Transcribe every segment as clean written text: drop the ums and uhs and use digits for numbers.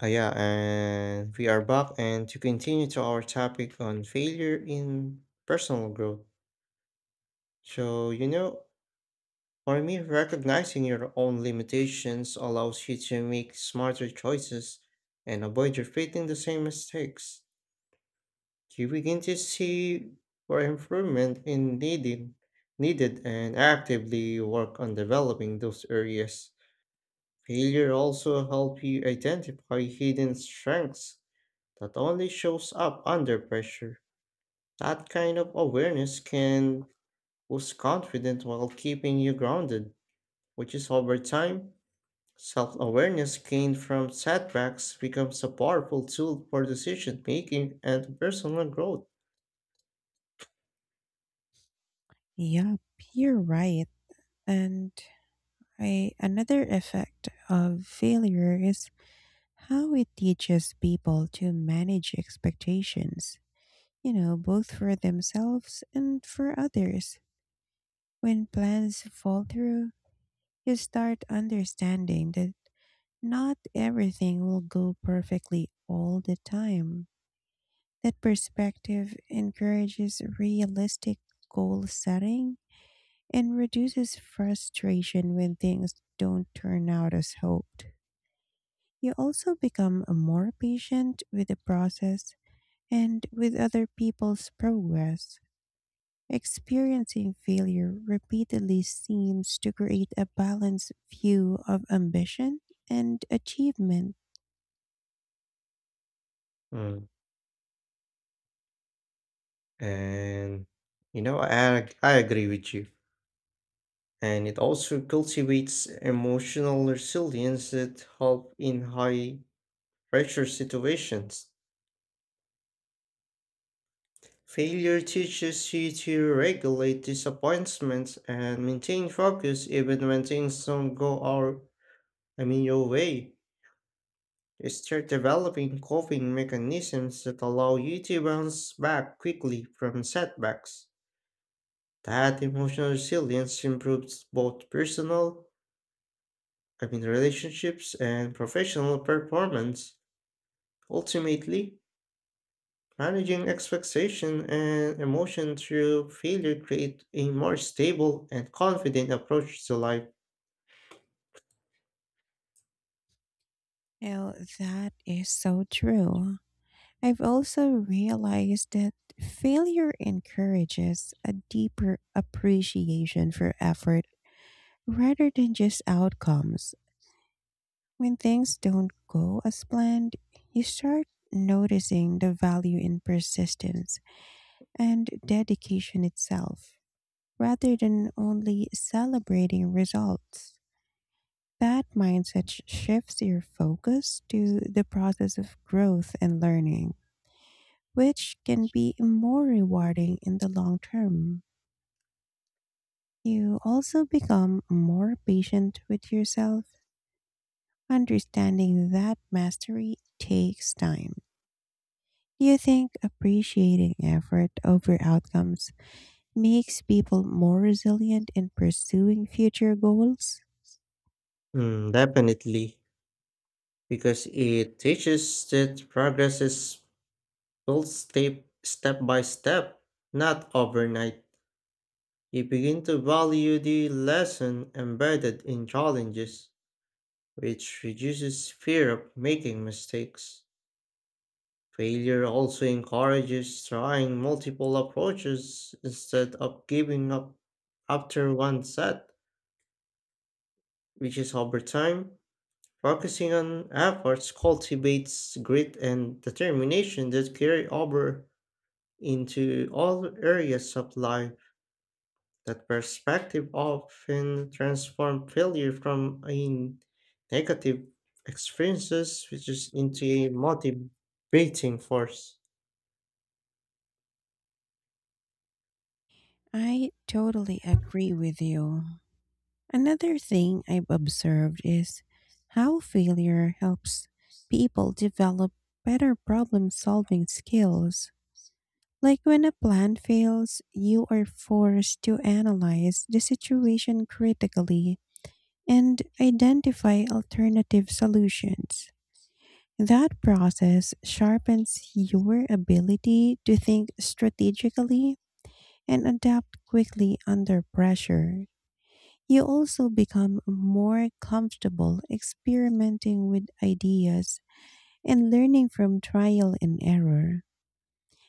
Ah, yeah, and we are back and to continue to our topic on failure in personal growth. So, you know, for me, recognizing your own limitations allows you to make smarter choices and avoid repeating the same mistakes. You begin to see where improvement is needed and actively work on developing those areas. Failure also help you identify hidden strengths that only shows up under pressure. That kind of awareness can boost confidence while keeping you grounded, which is over time. Self awareness gained from setbacks becomes a powerful tool for decision making and personal growth. Yep, you're right. And another effect of failure is how it teaches people to manage expectations, you know, both for themselves and for others. When plans fall through, you start understanding that not everything will go perfectly all the time. That perspective encourages realistic goal setting and reduces frustration when things don't turn out as hoped. You also become more patient with the process and with other people's progress. Experiencing failure repeatedly seems to create a balanced view of ambition and achievement. Mm. And I agree with you. And it also cultivates emotional resilience that help in high pressure situations. Failure teaches you to regulate disappointments and maintain focus even when things don't go our, I mean your way. You start developing coping mechanisms that allow you to bounce back quickly from setbacks. That emotional resilience improves both personal, I mean relationships and professional performance. Ultimately, managing expectation and emotion through failure create a more stable and confident approach to life. Now, that is so true. I've also realized that failure encourages a deeper appreciation for effort rather than just outcomes. When things don't go as planned, you start noticing the value in persistence and dedication itself, rather than only celebrating results. That shifts your focus to the process of growth and learning, which can be more rewarding in the long term. You also become more patient with yourself, understanding that mastery takes time. Do you think appreciating effort over outcomes makes people more resilient in pursuing future goals? Mm, definitely, because it teaches that progress is built step by step, not overnight. You begin to value the lesson embedded in challenges, which reduces fear of making mistakes. Failure also encourages trying multiple approaches instead of giving up after one set, which is over time. Focusing on efforts cultivates grit and determination that carry over into all areas of life. That perspective often transforms failure from a negative experiences which is into a motivating force. I totally agree with you. Another thing I've observed is how failure helps people develop better problem solving skills. Like when a plan fails, you are forced to analyze the situation critically and identify alternative solutions. That process sharpens your ability to think strategically and adapt quickly under pressure. You also become more comfortable experimenting with ideas and learning from trial and error.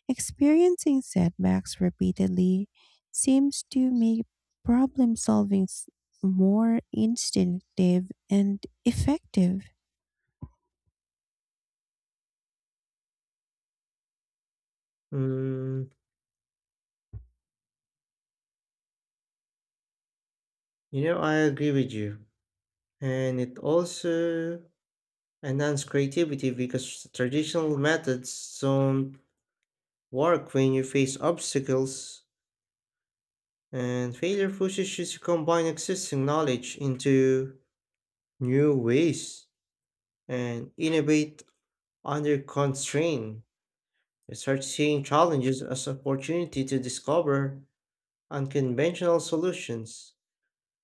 Experiencing setbacks repeatedly seems to make problem solving s- more instinctive and effective. Mm, You know, I agree with you. And it also enhances creativity because traditional methods don't work when you face obstacles, and failure pushes you to combine existing knowledge into new ways and innovate under constraint. You start seeing challenges as opportunity to discover unconventional solutions.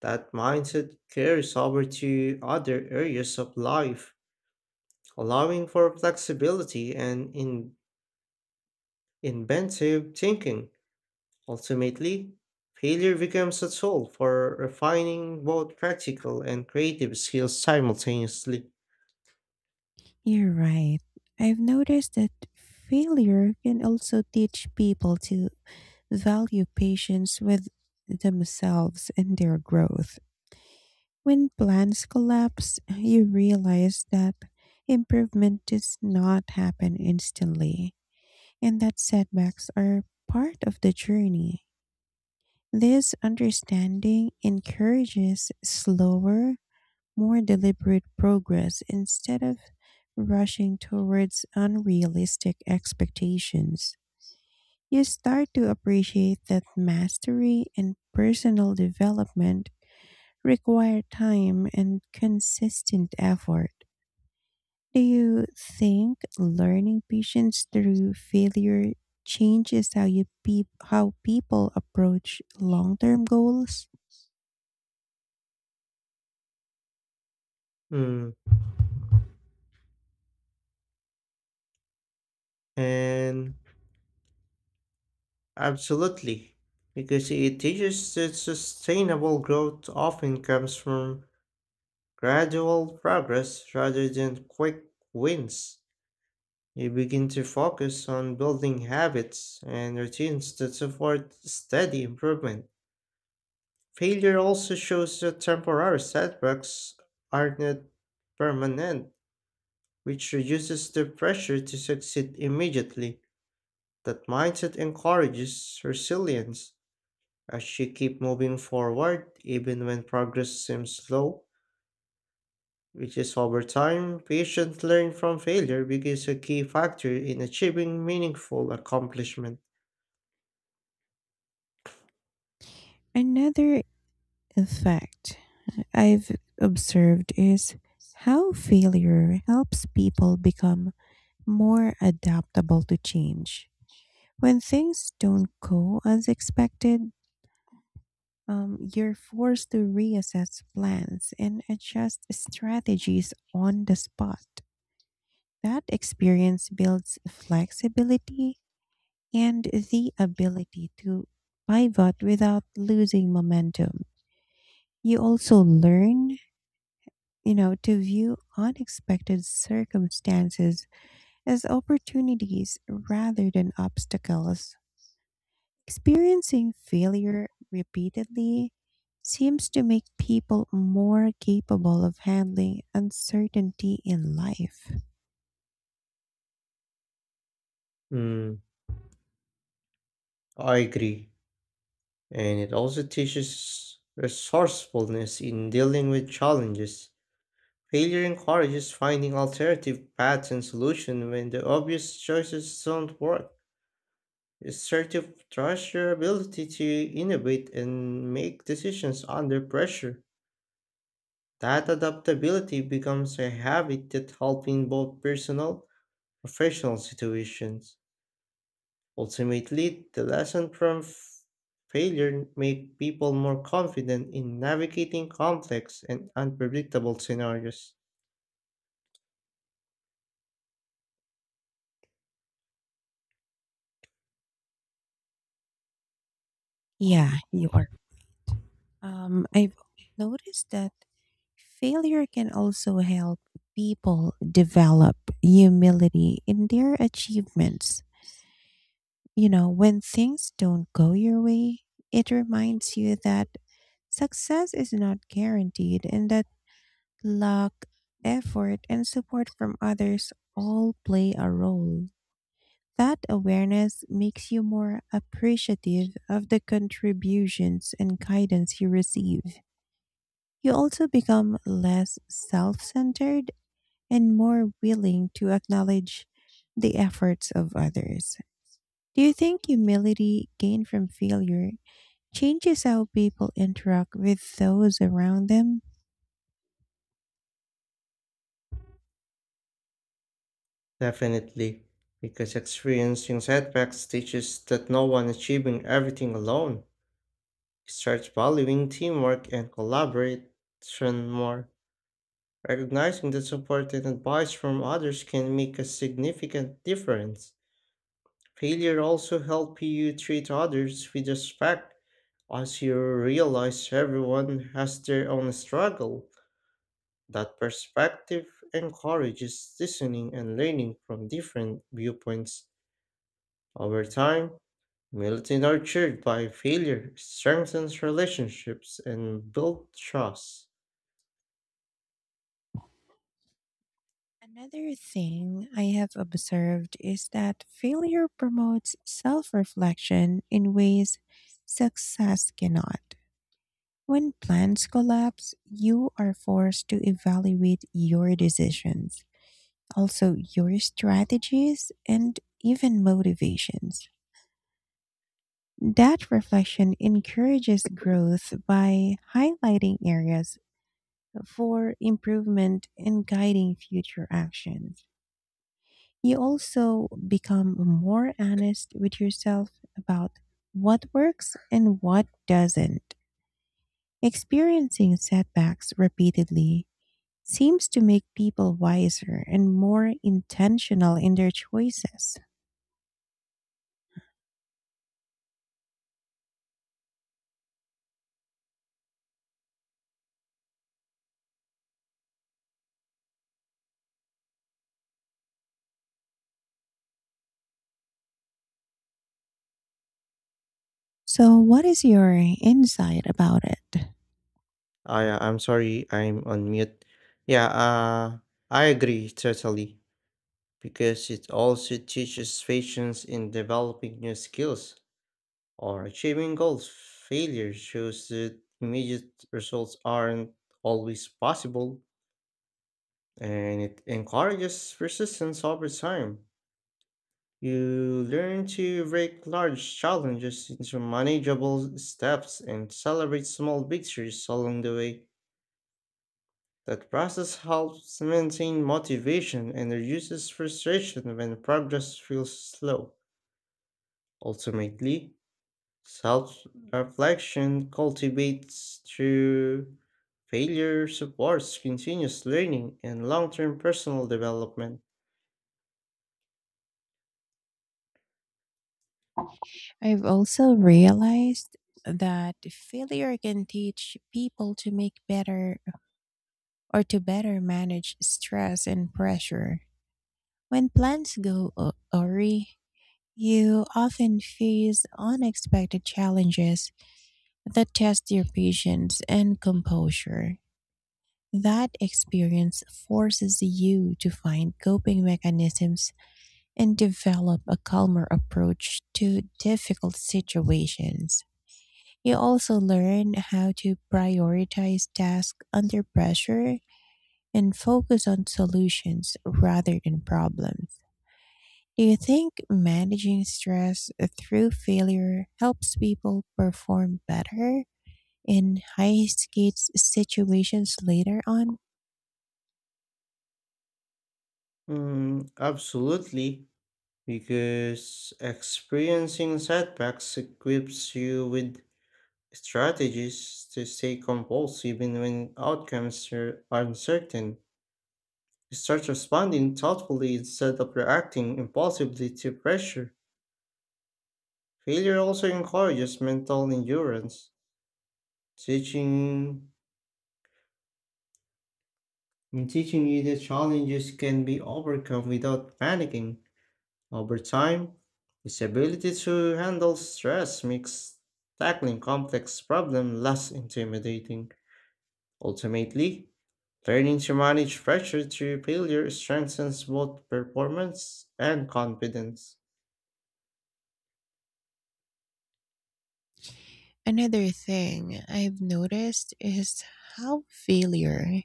That mindset carries over to other areas of life allowing for flexibility and inventive thinking. Ultimately, failure becomes a tool for refining both practical and creative skills simultaneously. You're right. I've noticed that failure can also teach people to value patience with themselves and their growth. When plans collapse, you realize that improvement does not happen instantly and that setbacks are part of the journey. This understanding encourages slower, more deliberate progress instead of rushing towards unrealistic expectations. You start to appreciate that mastery and personal development require time and consistent effort. Do you think learning patience through failure changes how people approach long-term goals? Mm, and absolutely, because it teaches that sustainable growth often comes from gradual progress rather than quick wins. You begin to focus on building habits and routines that support steady improvement. Failure also shows that temporary setbacks are not permanent, which reduces the pressure to succeed immediately. That mindset encourages resilience as you keep moving forward even when progress seems slow, which is over time, patient learn from failure becomes a key factor in achieving meaningful accomplishment. Another effect I've observed is how failure helps people become more adaptable to change. When things don't go as expected, you're forced to reassess plans and adjust strategies on the spot. That experience builds flexibility and the ability to pivot without losing momentum. You also learn, you know, to view unexpected circumstances as opportunities rather than obstacles. Experiencing failure repeatedly seems to make people more capable of handling uncertainty in life. Mm, I agree. And it also teaches resourcefulness in dealing with challenges. Failure encourages finding alternative paths and solutions when the obvious choices don't work. Assertive trust your ability to innovate and make decisions under pressure. That adaptability becomes a habit that helps in both personal and professional situations. Ultimately, the lesson from failure make people more confident in navigating complex and unpredictable scenarios. Yeah, you are. I've noticed that failure can also help people develop humility in their achievements. You know, when things don't go your way, it reminds you that success is not guaranteed and that luck, effort, and support from others all play a role. That awareness makes you more appreciative of the contributions and guidance you receive. You also become less self centered and more willing to acknowledge the efforts of others. Do you think humility gained from failure changes how people interact with those around them? Definitely, because experiencing setbacks teaches that no one achieving everything alone. It starts valuing teamwork and collaboration more. Recognizing that support and advice from others can make a significant difference. Failure also helps you treat others with respect as you realize everyone has their own struggle. That perspective encourages listening and learning from different viewpoints. Over time, humility nurtured by failure strengthens relationships and build trust. Another thing I have observed is that failure promotes self reflection in ways success cannot. When plans collapse, you are forced to evaluate your decisions, also your strategies, and even motivations. That reflection encourages growth by highlighting areas for improvement and guiding future actions. You also become more honest with yourself about what works and what doesn't. Experiencing setbacks repeatedly seems to make people wiser and more intentional in their choices. So, what is your insight about it? I'm sorry, I'm on mute. Yeah, I agree totally because it also teaches patience in developing new skills or achieving goals. Failure shows that immediate results aren't always possible and it encourages persistence over time. You learn to break large challenges into manageable steps and celebrate small victories along the way. That process helps maintain motivation and reduces frustration when progress feels slow. Ultimately, self reflection cultivates through failure, supports continuous learning, and long term personal development. I've also realized that failure can teach people to make better, or to better manage stress and pressure. When awry, you often face unexpected challenges that test your patience and composure. That experience forces you to find coping mechanisms and develop a calmer approach to difficult situations. You also learn how to prioritize tasks under pressure and focus on solutions rather than problems. Do you think managing stress through failure helps people perform better in high stakes situations later on? Mm, absolutely. Because experiencing setbacks equips you with strategies to stay composed even when outcomes are uncertain. You start responding thoughtfully instead of reacting impulsively to pressure. Failure also encourages mental endurance, teaching in teaching you that challenges can be overcome without panicking. Over time, his ability to handle stress makes tackling complex problems less intimidating. Ultimately, learning to manage pressure through failure strengthens both performance and confidence. Another thing I've noticed is how failure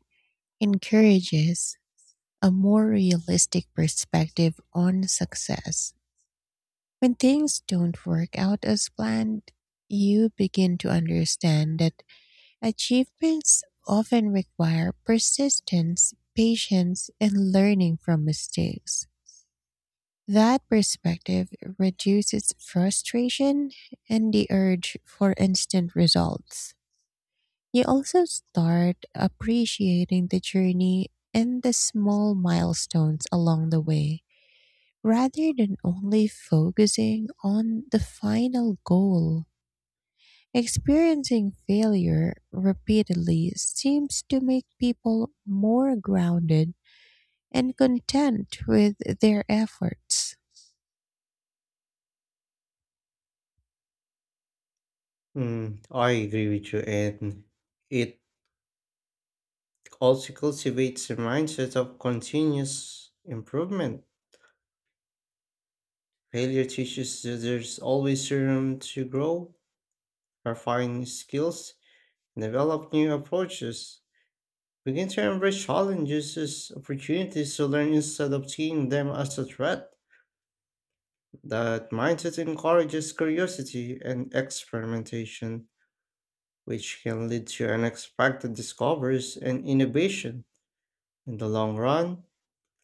encourages a more realistic perspective on success. When things don't work out as planned, you begin to understand that achievements often require persistence, patience, and learning from mistakes. That perspective reduces frustration and the urge for instant results. You also start appreciating the journey and the small milestones along the way rather than only focusing on the final goal. Experiencing failure repeatedly seems to make people more grounded and content with their efforts. Mm, I agree with you, and it also cultivates a mindset of continuous improvement. Failure teaches that there's always room to grow, refine skills, and develop new approaches. Begin to embrace challenges as opportunities to learn instead of seeing them as a threat. That mindset encourages curiosity and experimentation, which can lead to unexpected discoveries and innovation. In the long run,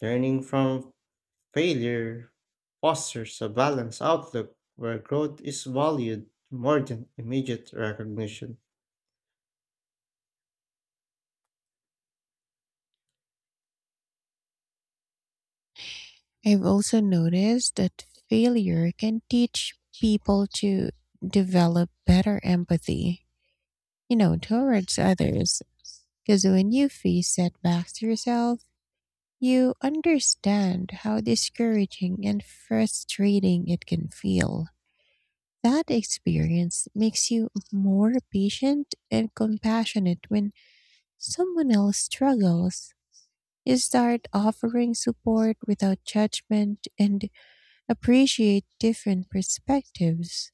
learning from failure fosters a balanced outlook where growth is valued more than immediate recognition. I've also noticed that failure can teach people to develop better empathy, you know, towards others. Because when you face setbacks yourself, you understand how discouraging and frustrating it can feel. That experience makes you more patient and compassionate when someone else struggles. You start offering support without judgment and appreciate different perspectives.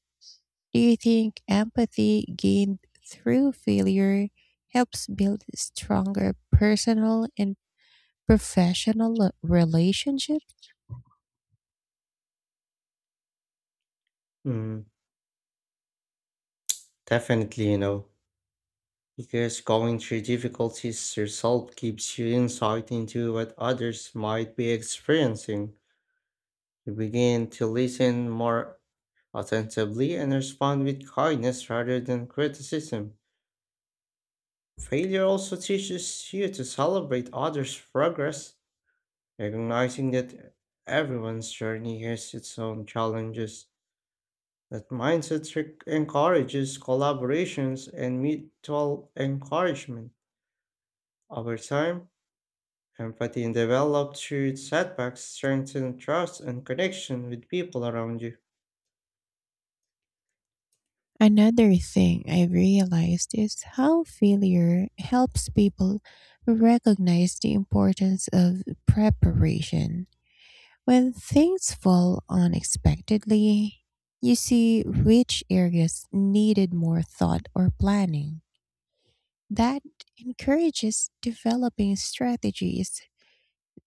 Do you think empathy gained through failure helps build stronger personal and professional relationships? Mm, definitely. Because going through difficulties yourself gives you insight into what others might be experiencing. You begin to listen more attentively and respond with kindness rather than criticism. Failure also teaches you to celebrate others' progress, recognizing that everyone's journey has its own challenges. That mindset encourages collaborations and mutual encouragement. Over time, empathy developed through setbacks strengthens trust and connection with people around you. Another thing I've realized is how failure helps people recognize the importance of preparation. When things fall unexpectedly, you see which areas needed more thought or planning. That encourages developing strategies,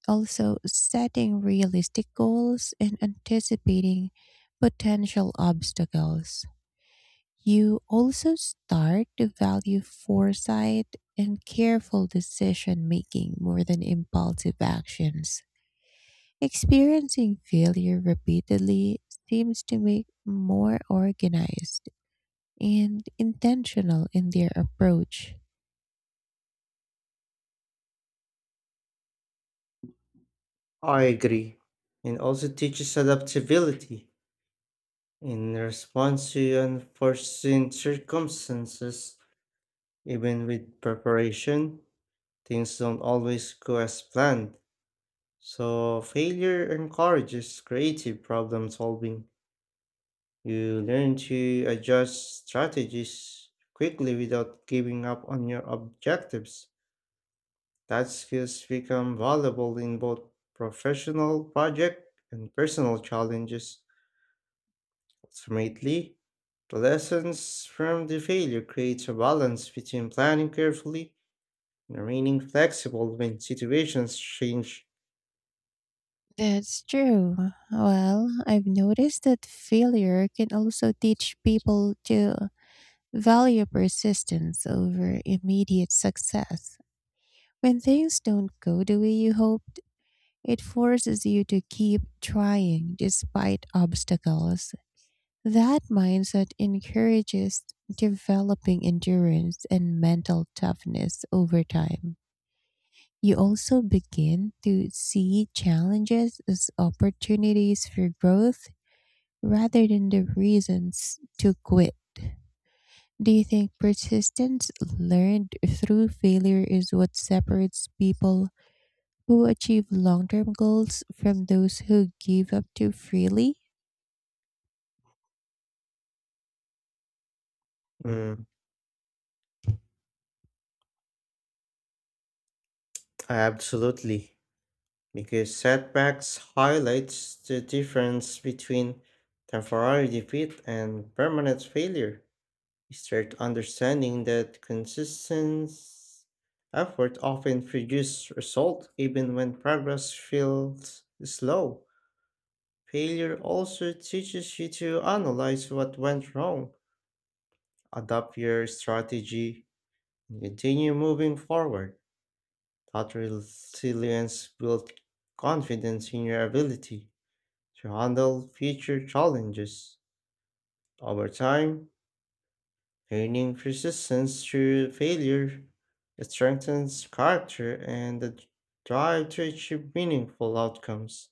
also setting realistic goals and anticipating potential obstacles. You also start to value foresight and careful decision making more than impulsive actions. Experiencing failure repeatedly seems to make more organized and intentional in their approach. I agree, and also teaches adaptability in response to unforeseen circumstances. Even with preparation, things don't always go as planned. So, failure encourages creative problem solving. You learn to adjust strategies quickly without giving up on your objectives. That skills become valuable in both professional project and personal challenges. Ultimately, the lessons from the failure creates a balance between planning carefully and remaining flexible when situations change. That's true. Well, I've noticed that failure can also teach people to value persistence over immediate success. When things don't go the way you hope, it forces you to keep trying despite obstacles. That mindset encourages developing endurance and mental toughness over time. You also begin to see challenges as opportunities for growth rather than the reasons to quit. Do you think persistence learned through failure is what separates people who achieve long term goals from those who give up too freely? Mm, absolutely, because setbacks highlights the difference between temporary defeat and permanent failure. You start understanding that consistent effort often produces result even when progress feels slow. Failure also teaches you to analyze what went wrong, adapt your strategy, and continue moving forward. That resilience builds confidence in your ability to handle future challenges. Over time, learning persistence through failure strengthens character and the drive to achieve meaningful outcomes.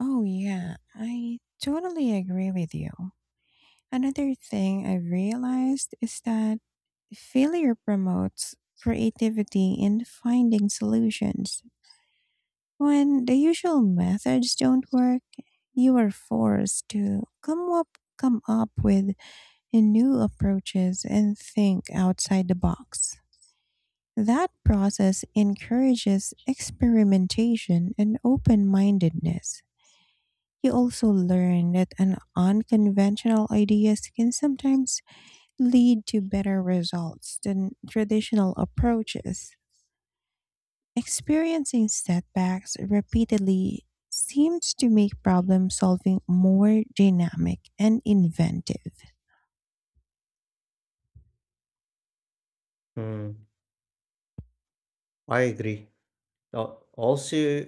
Oh, yeah, I totally agree with you. Another thing I have realized is that failure promotes creativity in finding solutions. When the usual methods don't work, you are forced to come up with new approaches and think outside the box. That process encourages experimentation and open mindedness. You also learn that an unconventional ideas can sometimes lead to better results than traditional approaches. Experiencing setbacks repeatedly seems to make problem solving more dynamic and inventive. Hmm, I agree. Also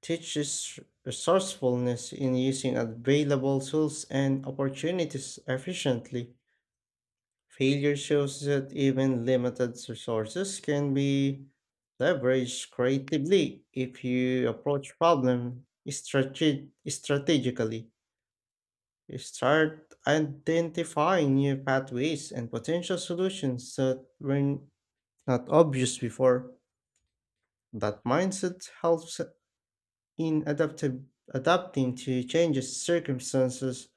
teaches resourcefulness in using available tools and opportunities efficiently. Failure shows that even limited resources can be leveraged creatively if you approach problem strategically. You start identifying new pathways and potential solutions that were not obvious before. That mindset helps in adapting to changes, circumstances,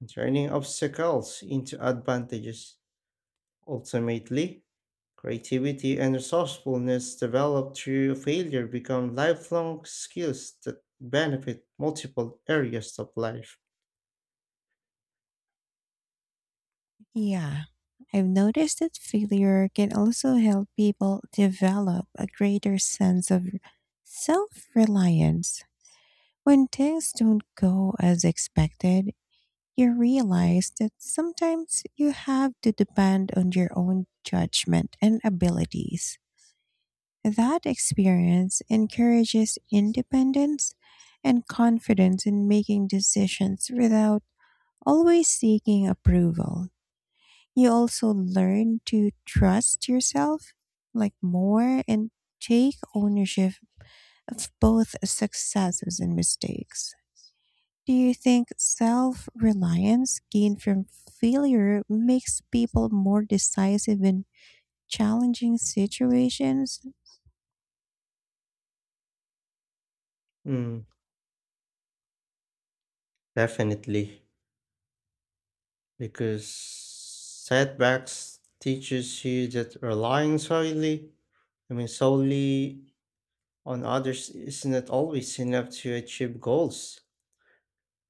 and turning obstacles into advantages. Ultimately, creativity and resourcefulness developed through failure become lifelong skills that benefit multiple areas of life. Yeah, I've noticed that failure can also help people develop a greater sense of self reliance. When things don't go as expected, you realize that sometimes you have to depend on your own judgment and abilities. That experience encourages independence and confidence in making decisions without always seeking approval. You also learn to trust yourself like more and take ownership of both successes and mistakes. Do you think self reliance gained from failure makes people more decisive in challenging situations? Mm, definitely, because setbacks teaches you that relying solely I mean solely on others is not always enough to achieve goals.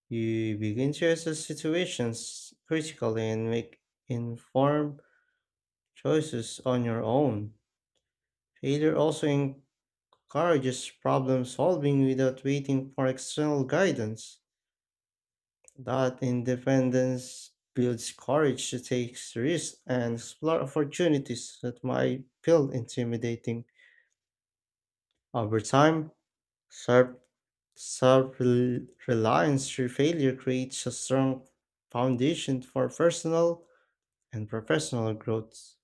You begin to assess situations critically and make informed choices on your own. Failure also encourages problem solving without waiting for external guidance. That independence builds courage to take risks and explore opportunities that might feel intimidating. Over time, self reliance through failure creates a strong foundation for personal and professional growth.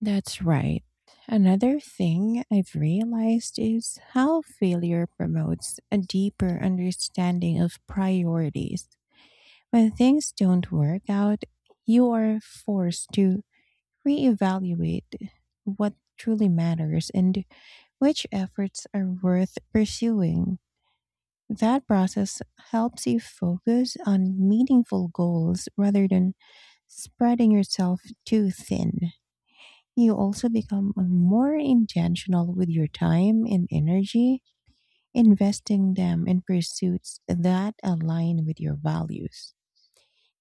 That's right. Another thing I've realized is how failure promotes a deeper understanding of priorities. When things don't work out, you are forced to reevaluate what truly matters and which efforts are worth pursuing. That process helps you focus on meaningful goals rather than spreading yourself too thin. You also become more intentional with your time and energy, investing them in pursuits that align with your values.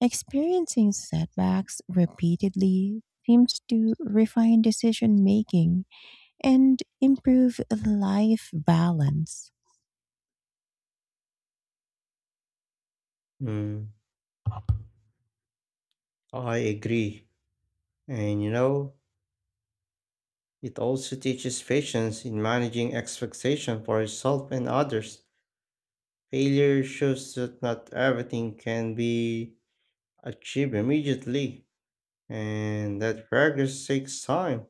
Experiencing setbacks repeatedly seems to refine decision making and improve life balance. Mm, I agree. And you know, it also teaches patience in managing expectation for yourself and others. Failure shows that not everything can be achieved immediately, and that progress takes time.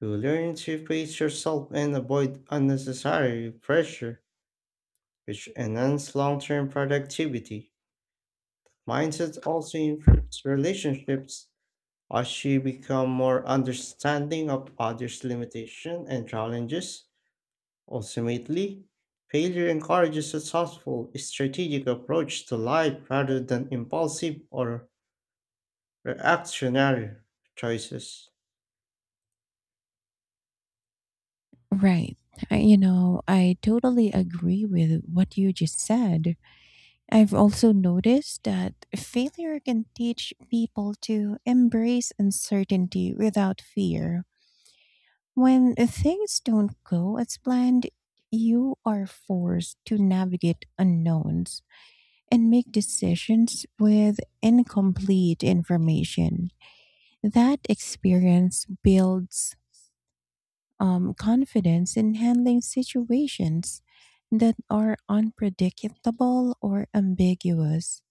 You learn to pace yourself and avoid unnecessary pressure, which enhance long-term productivity. Mindset also improves relationships as you become more understanding of others' limitations and challenges. Ultimately, failure encourages a thoughtful, strategic approach to life rather than impulsive or reactionary choices. Right. You know, I totally agree with what you just said. I've also noticed that failure can teach people to embrace uncertainty without fear. When things don't go as planned, you are forced to navigate unknowns and make decisions with incomplete information. That experience builds, confidence in handling situations that are unpredictable or ambiguous.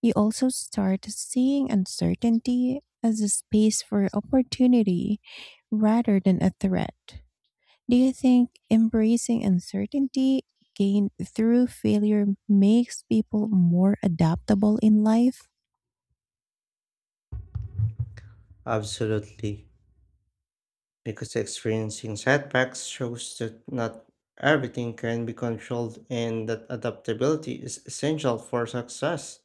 You also start seeing uncertainty as a space for opportunity rather than a threat. Do you think embracing uncertainty gained through failure makes people more adaptable in life? Absolutely, because experiencing setbacks shows that not everything can be controlled and that adaptability is essential for success.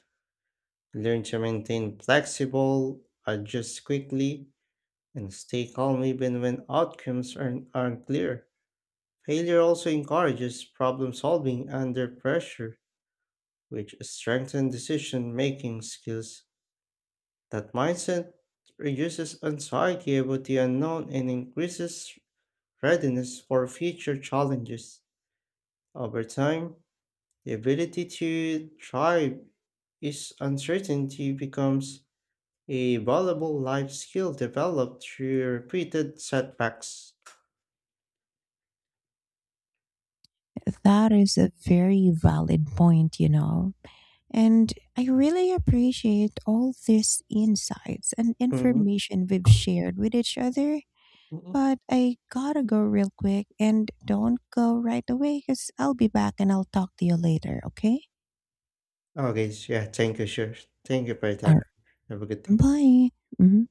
Learn to maintain flexible, adjust quickly, and stay calm even when outcomes aren't clear. Failure also encourages problem solving under pressure, which strengthens decision making skills. That mindset reduces anxiety about the unknown and increases readiness for future challenges. Over time, the ability to thrive is uncertainty becomes a valuable life skill developed through repeated setbacks. That is a very valid point, you know. And I really appreciate all these insights and Mhm. information we've shared with each other. Mhm. But I gotta go real quick and don't go right away because I'll be back and I'll talk to you later, okay? Okay, yeah, thank you, sure. Thank you for your All time. Have a good right. day. Bye. Mhm.